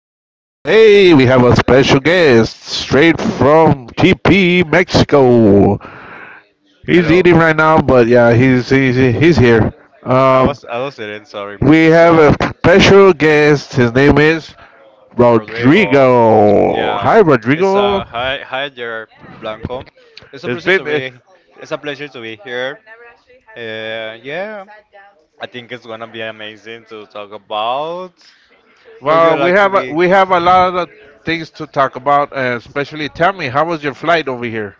Today, we have a special guest straight from TP, Mexico. He's eating right now, but yeah, he's here. Um, we have a special guest. His name is Rodrigo. Hi, Rodrigo. It's been well. We have we have a lot of things to talk about, especially. Tell me, how was your flight over here?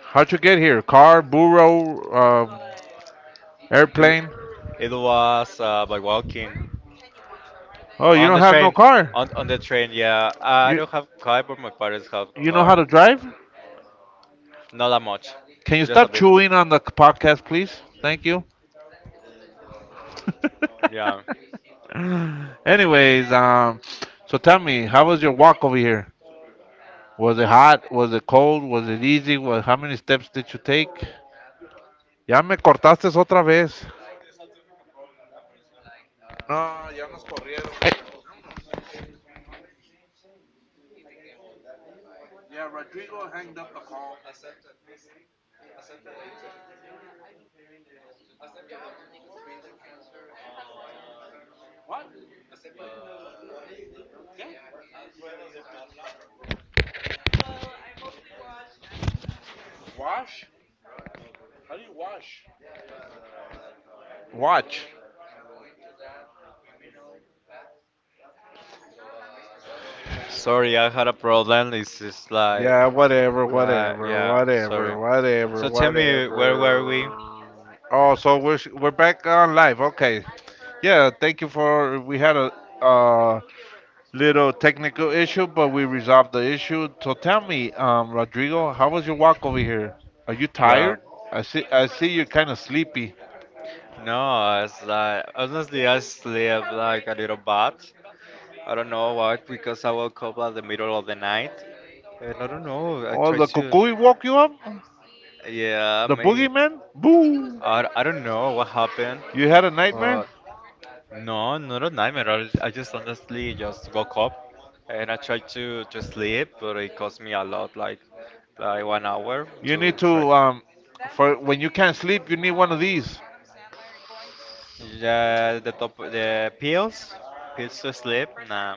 How'd you get here? Car, burro, airplane? Oh, you don't have no car. You you know how to drive? Can you stop chewing on the podcast, please? Thank you. Anyways, so tell me, how was your walk over here? Was it hot? Was it cold? Was it easy? How many steps did you take? Ya me cortaste otra vez. No, ya nos corrieron. Yeah, Rodrigo hanged up the call. Wash? How do you wash? Watch. Sorry, I had a problem. It's just Yeah, whatever, like, whatever, yeah, sorry. whatever, whatever, So tell me, where were we? whatever. Oh, so we're back on live. Okay. Yeah, thank you for we had a uh little technical issue, but we resolved the issue. So tell me, Rodrigo, how was your walk over here? Are you Well, tired? I see you're kind of sleepy. no, it's like, honestly, I slept like a little bad. I don't know why, because I woke up at the middle of the night. And I don't know, I Oh, tried the to, cuckoo woke you up? yeah, The maybe. boogeyman? Boo! I don't know what happened, You had a but. nightmare? No, no, no, not a nightmare. I just honestly just woke up and I tried to sleep, but it cost me a lot, like 1 hour You to need to try. For when you can't sleep, you need one of these. Yeah, the pills to sleep. Nah,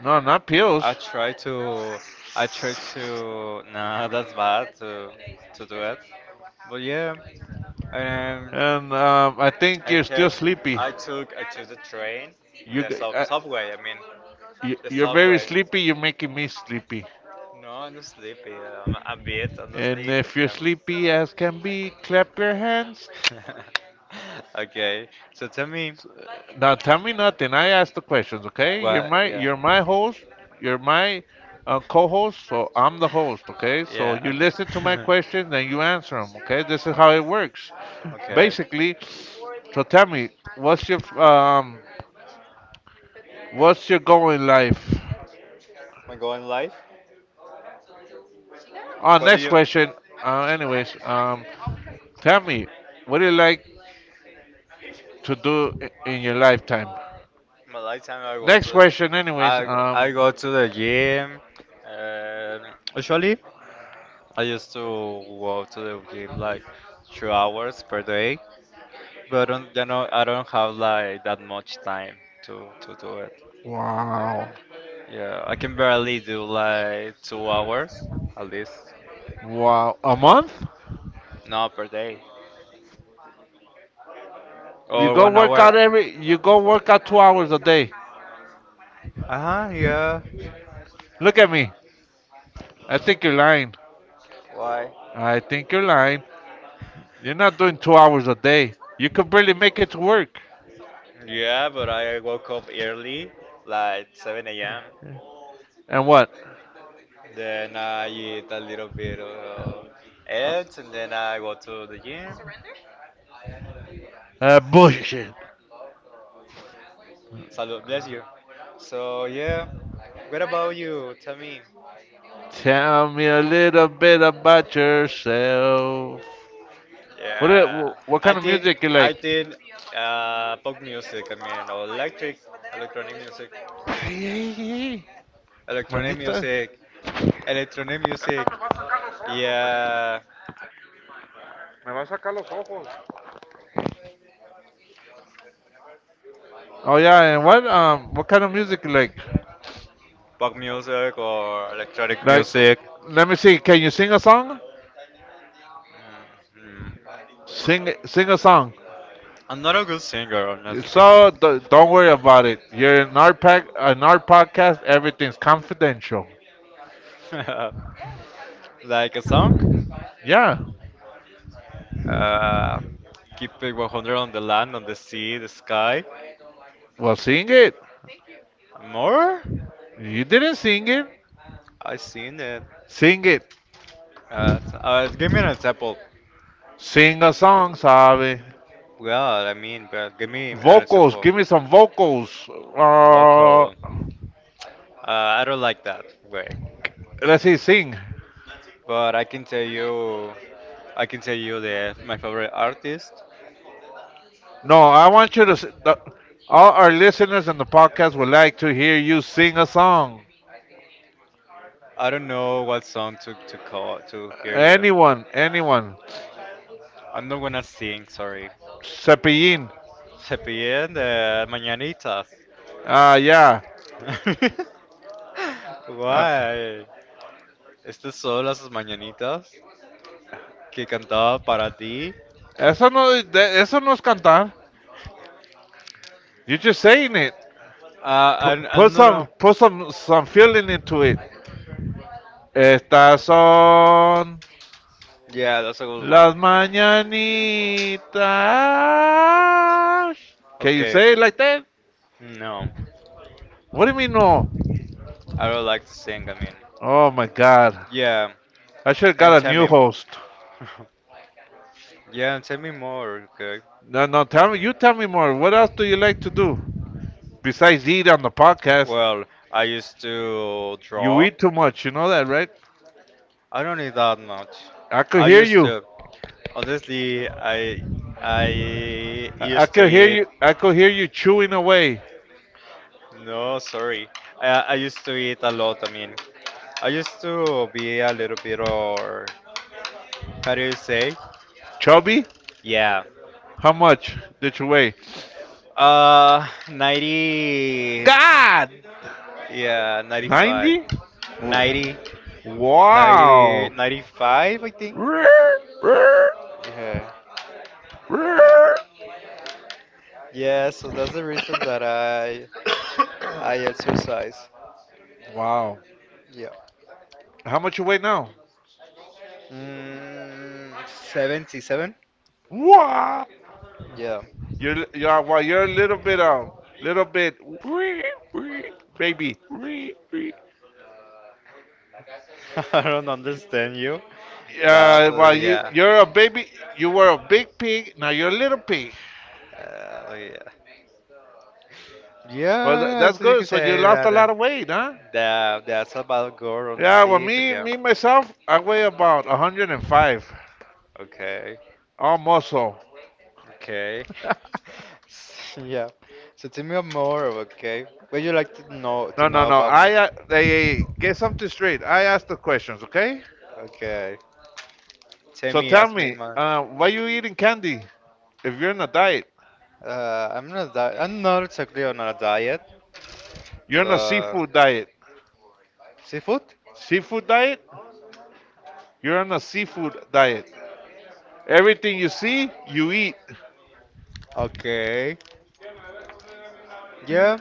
No, not pills. I try to I try to. Nah, that's bad to do it. But yeah, um, And I think I you're still took sleepy. I took the train, You, the g- uh, subway. I mean, you, the you're very subway. sleepy. You're making me sleepy. No, I'm not sleepy. I'm a bit. I'm not And sleepy, but if you're sleepy as can be, clap your hands. yeah. Okay, so tell me Now tell me nothing. I ask the questions, okay? What? Yeah, You're my host. You're my co-host, so I'm the host, okay? So yeah. you listen to my Okay. questions and you answer them, okay? This is how it works, okay. basically. So tell me, Am what's your um, what's your goal in life? I going live? Oh, What do next you? question, anyways, tell me, what do you like to do in your lifetime? My lifetime, I go to Next the, question, anyways, I I go to the gym. Usually, I used to go to the gym like 2 hours per day, but I don't, I don't have like that much time to do it. wow, Yeah, I can barely do like 2 hours at least, wow, a month? no per day, You or go one hour. You go work out 2 hours a day. Uh huh. Yeah. Look at me. I think you're lying. Why? I think you're lying. You're not doing 2 hours a day. You could barely make it to work. Yeah, but I woke up early, like 7 a.m. And what? Then I eat a little bit of eggs, and then I go to the gym. Bullshit. Salud, bless you. So yeah, what about you? Tell me. Tell me a little bit about yourself. What, Yeah, what I kind of think music you I like? think pop music. I mean, or electronic music, Hey, hey, hey, electronic manita. music, electronic music. Yeah, Oh yeah, and what kind of music you like? pop music or electronic Like, music. let me see. Can you sing a song? Mhm. Sing a song. I'm not a good singer, honestly. So don't worry about it. You're in our pack, in our podcast. Everything's confidential. Like a song? Yeah. Uh, Keep it 100 on the land, on the sea, the sky. Well, sing it. More? You didn't sing it. I seen it. Sing it. Give me an example. Sing a song, sabe? Well, I mean, but give me an Vocals. example. Give me some vocals. Uh, Vocal. I don't like that way. let's see. Sing. But I can tell you, the my favorite artist. No, I want you to. All our listeners in the podcast would like to hear you sing a song. I don't know what song to call to hear you. Anyone, anyone. I'm not gonna sing, sorry. Cepillín. Se piden de mañanitas. Ah, yeah. Ah, Why? Estas son las mañanitas que cantaba para ti. eso no, eso no es cantar. You're just saying it. P- I put don't some, know. put some, some feeling into it. Estas son Yeah, that's a good one. las mañanitas. Can you Okay. say it like that? No, What do you mean no? I don't like to sing. I mean. Oh my God! Yeah, I should have and got a tell new me. host. Yeah, and tell me more, okay? No, no, tell me, you tell me more. What else do you like to do besides eat on the podcast? Well, I used to You draw. eat too much, you know that, right? I don't need that much. I could I hear used you. to, honestly, I I used to could hear eat. you. I could hear you chewing away. No, sorry. I used to eat a lot. I mean, I used to be a little bit or how do you say? Chubby, Yeah. how much did you weigh? 90. God, Yeah, 95. 90? 90. 90, Wow. 95, I think. Yeah, yeah. Yeah, so that's the reason that I exercise. Wow. Yeah. How much you weigh now? Mm, 77? Wow. Yeah. You are, well, you're a little bit, baby. I don't understand you. That, Well, yeah. you're a baby. You were a big pig. Now you're a little pig. Oh, yeah. Well, Yeah, that's so you good. can So you say lost a that. Lot of weight, huh? That's about girl on the Yeah. Well, stage, but me yeah. me myself, I weigh about 105, Okay, almost. Muscle. okay. Yeah. So tell me more, okay? What you like No, to no, know no. about I me? they get something straight. I asked the questions, okay? Okay. Tell So me, tell ask me, me, man. Why you eating candy if you're on a diet? I'm not exactly on a diet. You're on a Uh, seafood diet. Seafood? Seafood diet? You're on a seafood diet. Everything you see, you eat. Okay. Yeah.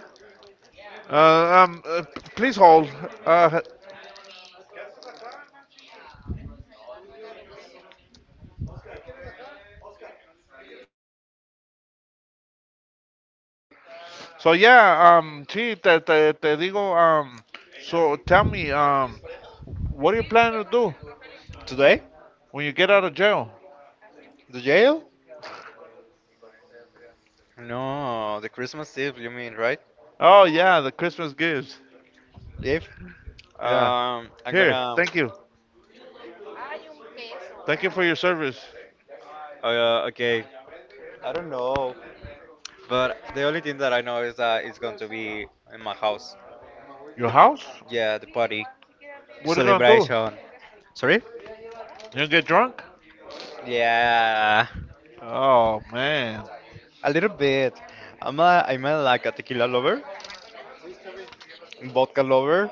Please hold. Uh, So yeah, sí, te digo, so tell me, what are you planning to do Today? when you get out of jail? The jail? No, the Christmas Eve, you mean, right? Oh yeah, the Christmas gifts. Yeah. Yeah. I'm Here, gonna. thank you. Thank you for your service. Okay. I don't know, but the only thing that I know is that it's going to be in my house. Your The, house? yeah, the party What are you gonna do? celebration. Sorry? You gonna get drunk? Yeah, Oh man, a little bit. Like a tequila lover, vodka lover,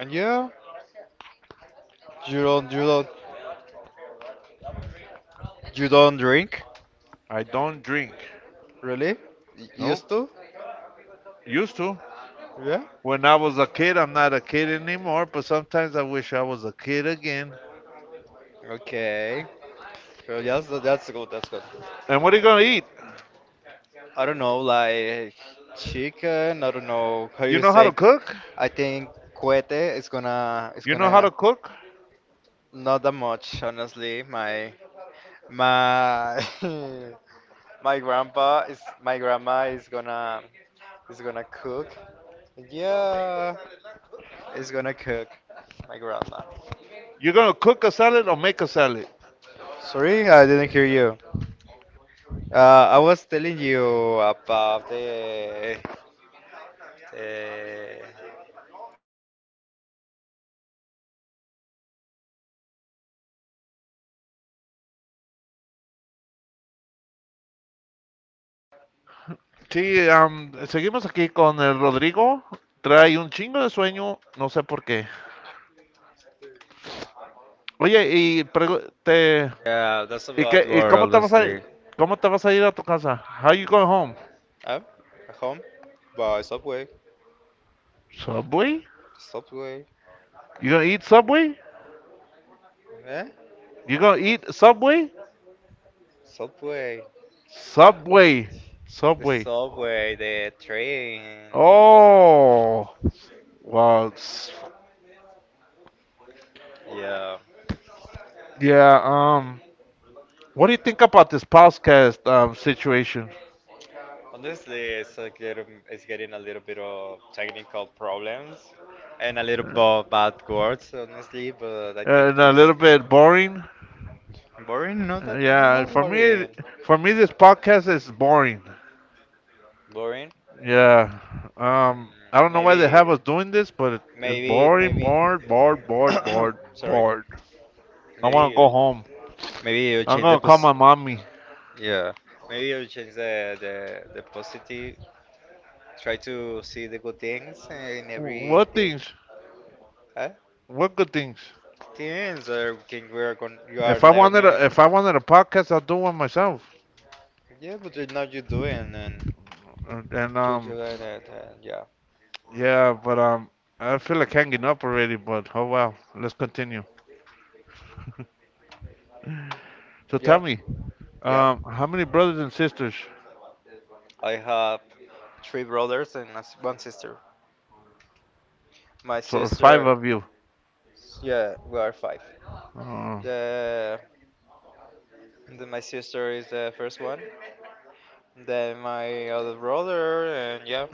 and yeah, you don't, you don't drink, I don't drink. really? Nope. Used to? Used to. Yeah. When I was a kid, I'm not a kid anymore, but sometimes I wish I was a kid again. Okay. So yes, that's good. That's good. And what are you gonna eat? I don't know, like chicken. I don't know how You you know how to say. cook? I think cohete is You know how gonna to cook? not that much, honestly. My my my grandma is gonna cook. Yeah, is gonna cook. My grandma. You're gonna cook a salad or make a salad. Sorry, I didn't hear you. I was telling you about the Sí, am, seguimos aquí con el Rodrigo. Trae un chingo de sueño, no sé por qué. Oye, y pregu- te yeah, that's ¿y, about y world, honestly. cómo te vas a ir a tu casa? How you going home? Oh, at home by Subway. Subway? Subway. You gonna eat Subway? Eh? You gonna eat Subway? Subway. Subway. Subway. Subway, the train. Oh. Wow. Yeah. Yeah, what do you think about this podcast situation? Honestly, it's like little, it's getting a little bit of technical problems and a little bit bad words, honestly. But I think And a it's little bit boring? boring. Not that Yeah, boring. for me, this podcast is boring. Boring. Yeah, I Mm, don't know why they have maybe, us doing this, but it's maybe, boring, maybe. bored, bored, bored, bored, sorry. bored. I want to go Maybe home. Maybe you I'm change the gonna call pos my mommy. yeah. Maybe you change the positive. Try to see the good things in every What thing. things? Huh? What good things? Things or thing we are going, you are If I wanted, learning. if I wanted a podcast, I'll do one myself. Yeah, but you're not, you doing, and And, and you're um, doing it, and yeah. yeah, but I feel like hanging up already. But oh well, let's continue. So tell Yeah. me, Yeah. How many brothers and sisters? I have three brothers and one sister. My So five sister, of you. yeah, we are five. Uh, The, the My sister is the first one. Then my other brother and, yeah,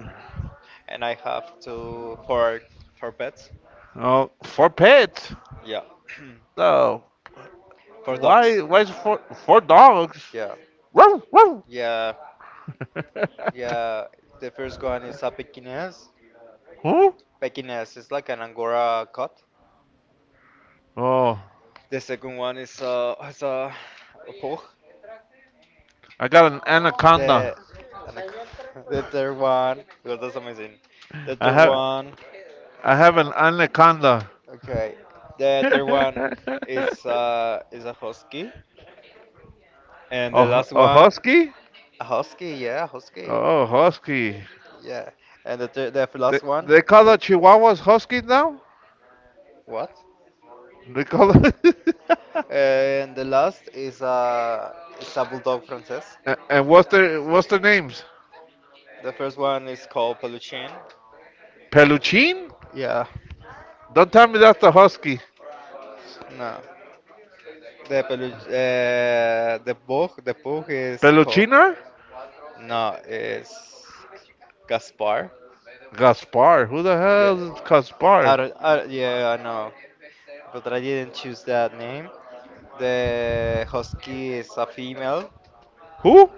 and I have two for pets. Oh, for pets? Yeah, No. for Why? dogs. Why is it for dogs? Yeah, Woo, woo. yeah, yeah. The first one is a Pekingese. Huh? Pekingese is like an Angora cat. Oh, The second one a pug. I got an anaconda. The the third one. God, that's amazing. The I third have one. I have an anaconda. Okay. The third one is a husky, and the Oh, last a one husky? a husky. Yeah, husky. Oh, husky. Yeah, and the They last one, they call the Chihuahuas huskies now. what? They call. The And the last is a bulldog princess. And what's their names? The first one is called Peluchin. Peluchin? Yeah, Don't tell me that's the husky. no, the pug, is called, Peluchina? no, it's Gaspar. Gaspar? Who the Yeah, hell is Gaspar? I don't- yeah I know, but I didn't choose that name. The husky is a female. Who?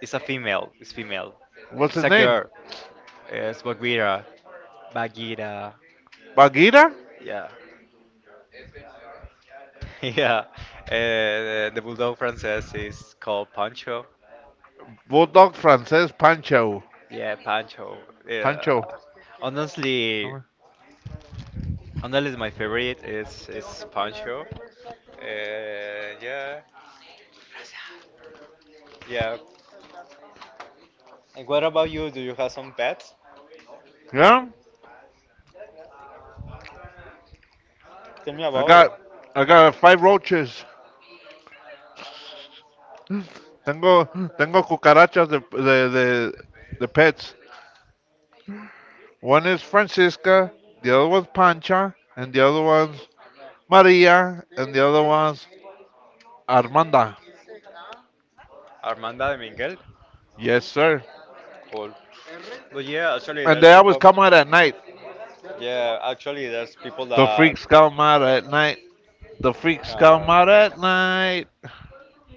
It's a female. It's female. What's It's his a name? girl. Yes, Bagheera. Bagheera. Bagheera? Yeah. Yeah. The bulldog princess is called Pancho. Bulldog Frances Pancho. Yeah, Pancho. Yeah. Pancho. Honestly, Honestly, my favorite is Pancho. Yeah. Yeah. And what about you? Do you have some pets? Yeah? Tell me I about it. got I got five roaches. Tengo cucarachas the, the pets. One is Francisca, the other one's Pancha, and the other one's Maria, and the other one's Armanda. Armanda de Miguel. Yes, sir. Cool. But yeah, actually, And there's they always people. come out at night. Yeah, actually, there's people The that. freaks come out at night. The freaks Uh, come out at night.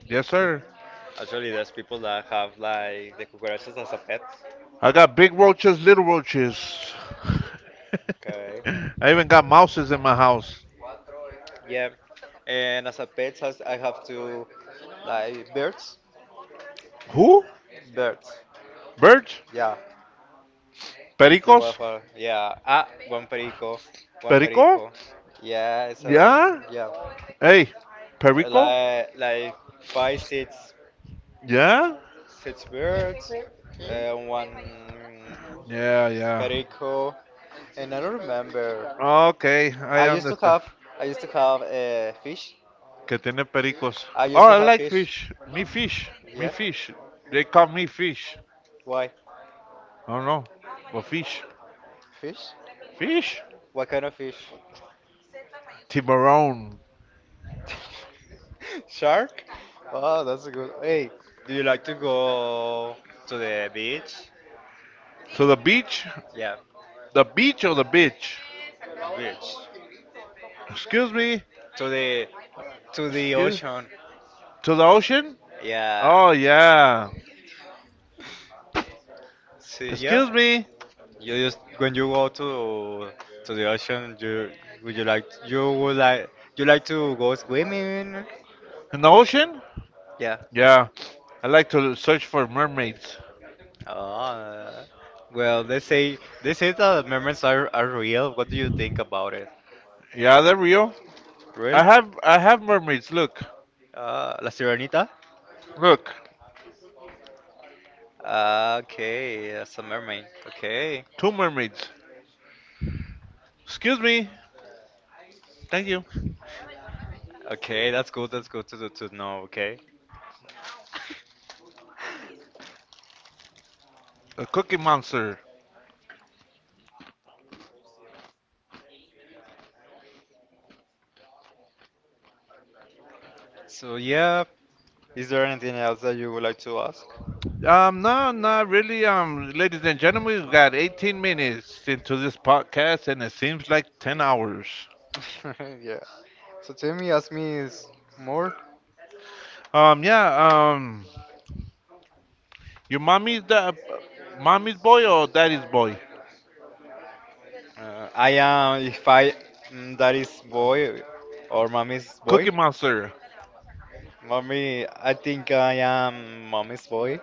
Yes, sir. Actually, there's people that have like the cucarachas as a pet. I got big roaches, little roaches. Okay. I even got mouses in my house. Yeah. And as a pet, I have to like birds. Who? Birds. Birds? Yeah. The Pericos? waffle. Yeah. Ah, one perico. One Perico? perico. Yeah. So Yeah. yeah. Hey, Perico? Like five six Yeah. six birds. And one Yeah, yeah. perico. And I don't remember. Okay, I I used to understand. have I used to have fish. Que tiene pericos. I Oh, used to I have like fish. fish. Me fish. Me Yeah. fish. They call me fish. Why? I don't know. But fish. Fish? Fish? What kind of fish? Tiburon. Shark? Oh, that's a good. Hey, do you like to go to the beach? To the beach? Yeah, The beach or the bitch? the beach. Excuse me. To the to the Excuse ocean. to the ocean? Yeah. Oh yeah. See, yeah. Excuse me. You just when you go to the ocean, you would you like you would like you like to go swimming? In the ocean? Yeah. Yeah. I like to search for mermaids. Uh, well, they say that memories are real. What do you think about it? Yeah, they're real. Real? I have mermaids. Look. La Sirenita? Look. Ah, okay, that's a mermaid. Okay, Two mermaids. Excuse me. Thank you. okay, that's good. That's good to know. Okay. A cookie monster. So yeah, is there anything else that you would like to ask? No, not really. Ladies and gentlemen, we've got 18 minutes into this podcast, and it seems like 10 hours. Yeah. So tell me, ask me is more. Yeah. Your mom is boy or daddy's boy? I am if I that is boy or mommy's boy. Cookie Monster. Mommy, I think I am mommy's boy.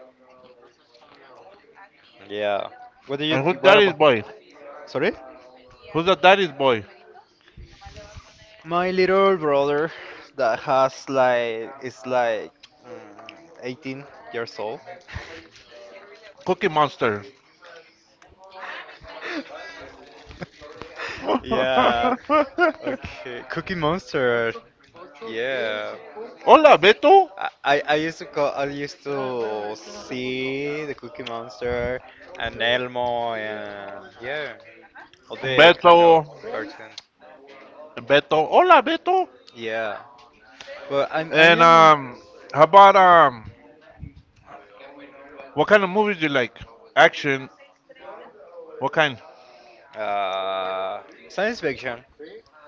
Yeah. What do you And who's th what daddy's about? boy? Sorry? Who's the daddy's boy? My little brother that has like is like 18 years old. Cookie Monster. Yeah. Hola, Okay. Cookie Monster. Yeah. Beto. I used to see the Cookie Monster and Elmo and yeah, all the Beto. kind of cartoons. Beto. Hola, Beto. Yeah. But I And am more um, how about what kind of movies do you like? Action. What kind? uh science fiction.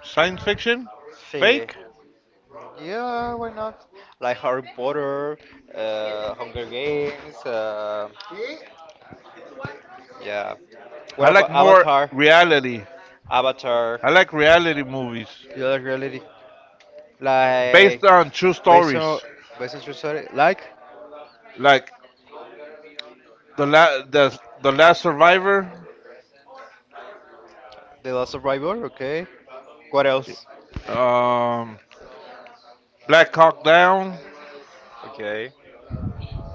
Science fiction? See, Fake? yeah, why not? Like Harry Potter, Hunger Games. Yeah. What I like about more Avatar? reality. Avatar, I like reality movies the other reality, based like on true based on stories, based on true story, like like The la- the last survivor, The Last Survivor. Okay. What else? um, Black Hawk Down. Okay.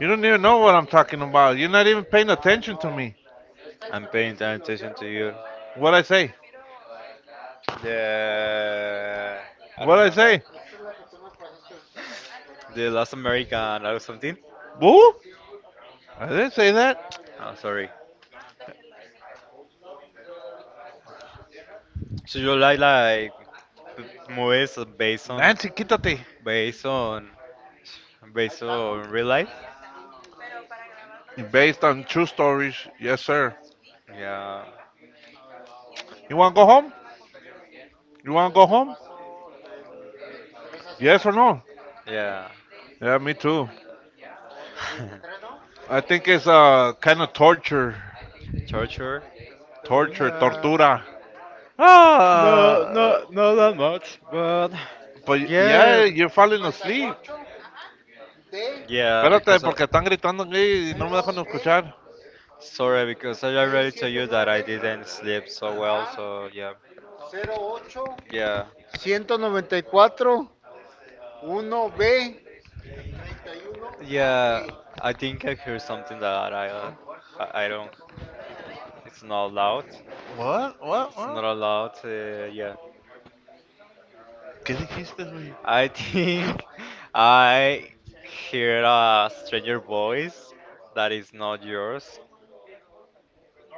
You don't even know what I'm talking about. You're not even paying attention to me. I'm paying attention to you. What I say? The I What don't I remember. say? The Last American or something. Boo? I didn't say that. Oh, sorry. So you like b- movies Nancy, quítate. based on based on real life? Based on true stories, yes sir. Yeah, You wanna go home? You wanna go home? Yes or no? yeah. Yeah, me too. I think it's kind of torture, Torture? torture, Yeah. tortura. No, Ah, no, not that much, but but yeah. yeah, you're falling asleep. Yeah, Espérate, because I, porque están gritando aquí y no me dejan escuchar. sorry, because I already told you that I didn't sleep so well. So yeah, yeah, yeah. I think I hear something that I don't. It's not loud. What? What? It's not What? allowed. Yeah, ¿Qué dijiste, güey? I think I hear a stranger voice that is not yours.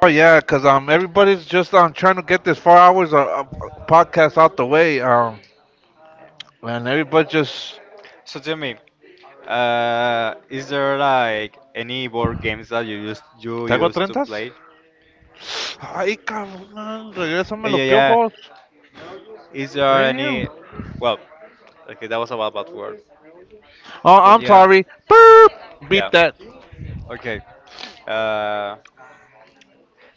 Oh yeah, cause everybody's just trying to get this 4 hours of podcast out the way. And everybody just. So tell me, is there like any board games that you ¿Te hago used to trentas? play? Ay, cabrón, regrésame Yeah, yeah. los Yeah. piojos. Is there Damn. any? Well, okay, that was a bad, bad word. Oh, But I'm yeah, sorry. Beep. yeah. Beep that. Okay. Uh,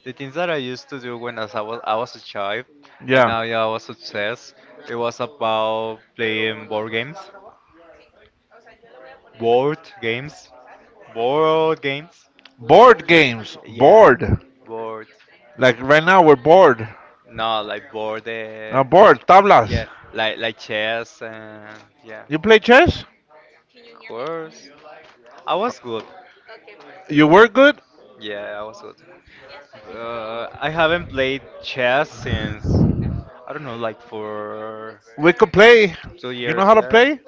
the things that I used to do when as I was a child, and Yeah. now yeah, I was obsessed. It was about playing board games, board games, board games. Board games. Yeah, Bored. board. Like right now, we're bored. No, like board. Bored. Tablas. Yeah, like chess and yeah, You play chess? of course. I was good. You were good? Yeah, I was good. I haven't played chess since I don't know, like for We could play. two You years. know how to Yeah, play?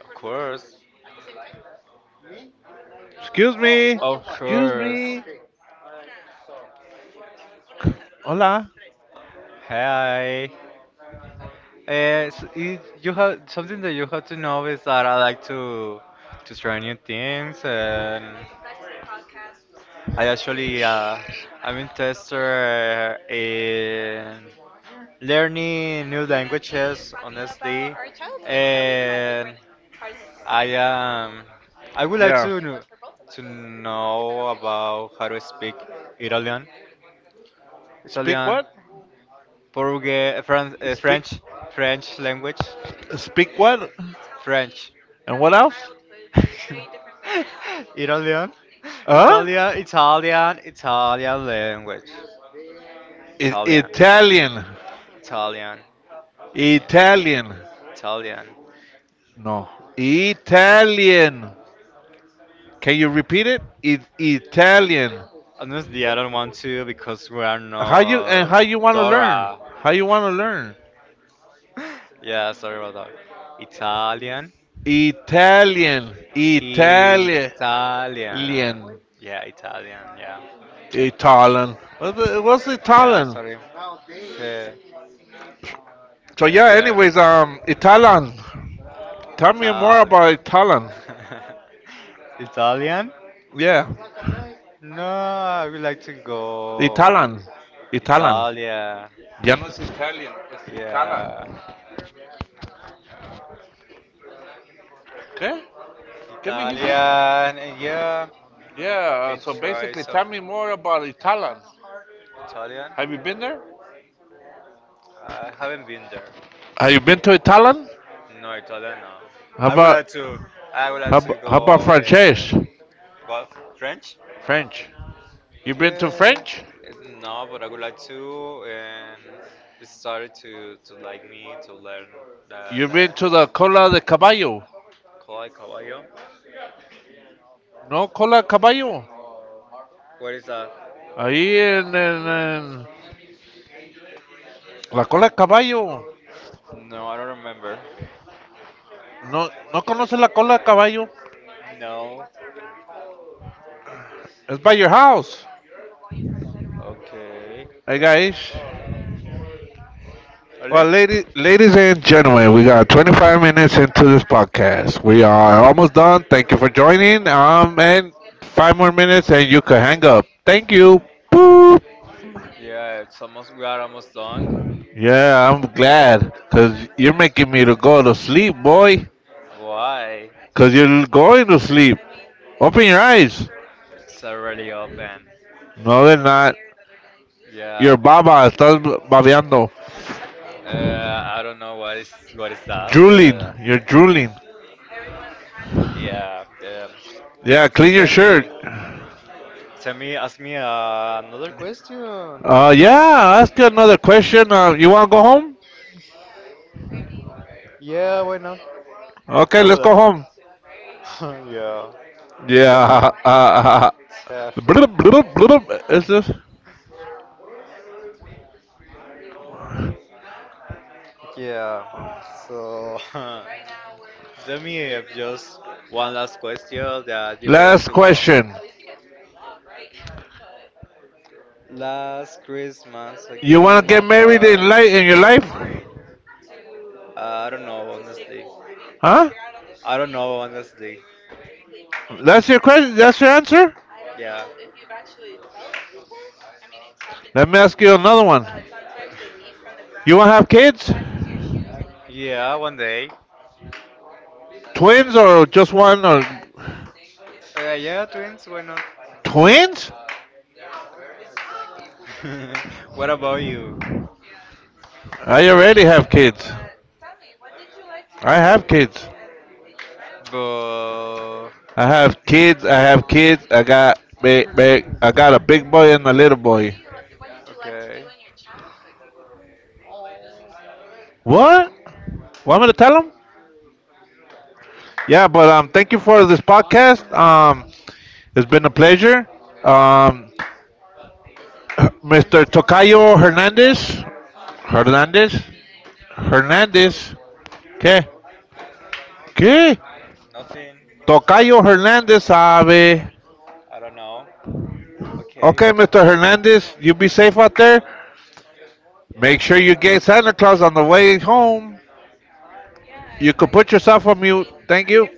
of course, Excuse me. of Excuse course. me. Hola. Hi. So you have something that you have to know is that I like to try new things, and I actually I'm a tester in learning new languages, honestly, and I am. I would like Yeah. To know about how to speak Italian, Speak Italian, what? Portuguese, eh, Speak. French, French language, Speak what? French. And what else? Italian, Huh? Italian, Italian, Italian language, Italian, Italian. Italian, Italian. Italian. No. Italian. Can you repeat it? Italian. Honestly, I don't want to because we are How not you want to learn? Dora. How you want to learn? Yeah, sorry about that. Italian. Italian. Italian. Italian. Yeah, Italian. Yeah. Italian. Was it was Yeah, Italian? sorry. To, So yeah. yeah. Anyways, Italian. Tell me more Italian. about Italian. Italian. Yeah, No, I would like to go Italian, Italian. Italia. Ya no es Italian, es Italian. Yeah, ¿Qué? ¿Qué me dijiste? Italian and, yeah, Yeah. And So try basically, some tell me more about Italian. Italian. Have you been there? I haven't been there. Have you been to Italian? No, Italian. No. How I would about like to. I would like to how about go. French? What? French? French. You been to Yeah, French? no, but I would like to and it started to like me to learn You that been to the language. Cola Cola de Caballo? de caballo. No, Cola de Caballo. What is that? Ahí en, La cola de caballo. No, I don't remember. No, no conoce la cola de caballo. No. It's by your house. Okay. Hey guys. Well, Really? Ladies and gentlemen, we got 25 minutes into this podcast. We are almost done. Thank you for joining. And 5 more minutes, and you can hang up. Thank you. Boop. Yeah, it's almost we are almost done. Yeah, I'm glad, cause you're making me to go to sleep, boy. Why? Cause you're going to sleep. Open your eyes. It's already open. No, they're not. Your Yeah. baba estás babeando. I don't know what is that. But, Drooling. You're drooling. yeah. Yeah, So clean your tell shirt. me, ask me another question. Yeah, ask you another question. You want to go home? Yeah, why not? Okay, Why let's would go home. I? yeah. Tell me. Yeah. Tell, blub, blub, blub. Is this? yeah. So tell me if just one last question that you would like Last to go. question. Last Christmas I You gave want you to get my married heart. In your life? I don't know, honestly. Huh? I don't know, honestly. That's your question. That's your answer. Yeah. Let me ask you another one. You want to have kids? Yeah, one day. Twins or just one? Or Yeah, twins, why not? twins? What about you? I already have kids. I Yeah. have kids. But. I have kids. I have kids. I got big, big. I got a big boy and a little boy. Okay. What? Want me to tell him? Yeah, but thank you for this podcast. It's been a pleasure. Um, Mr. Tocayo Hernandez, Hernandez, Hernandez. ¿Qué? ¿Qué? Nothing. that- Tocayo Hernandez sabe. I don't know. Okay. Okay, Mr. Hernandez, you be safe out there. Make sure you get Santa Claus on the way home. You could put yourself on mute. Thank you.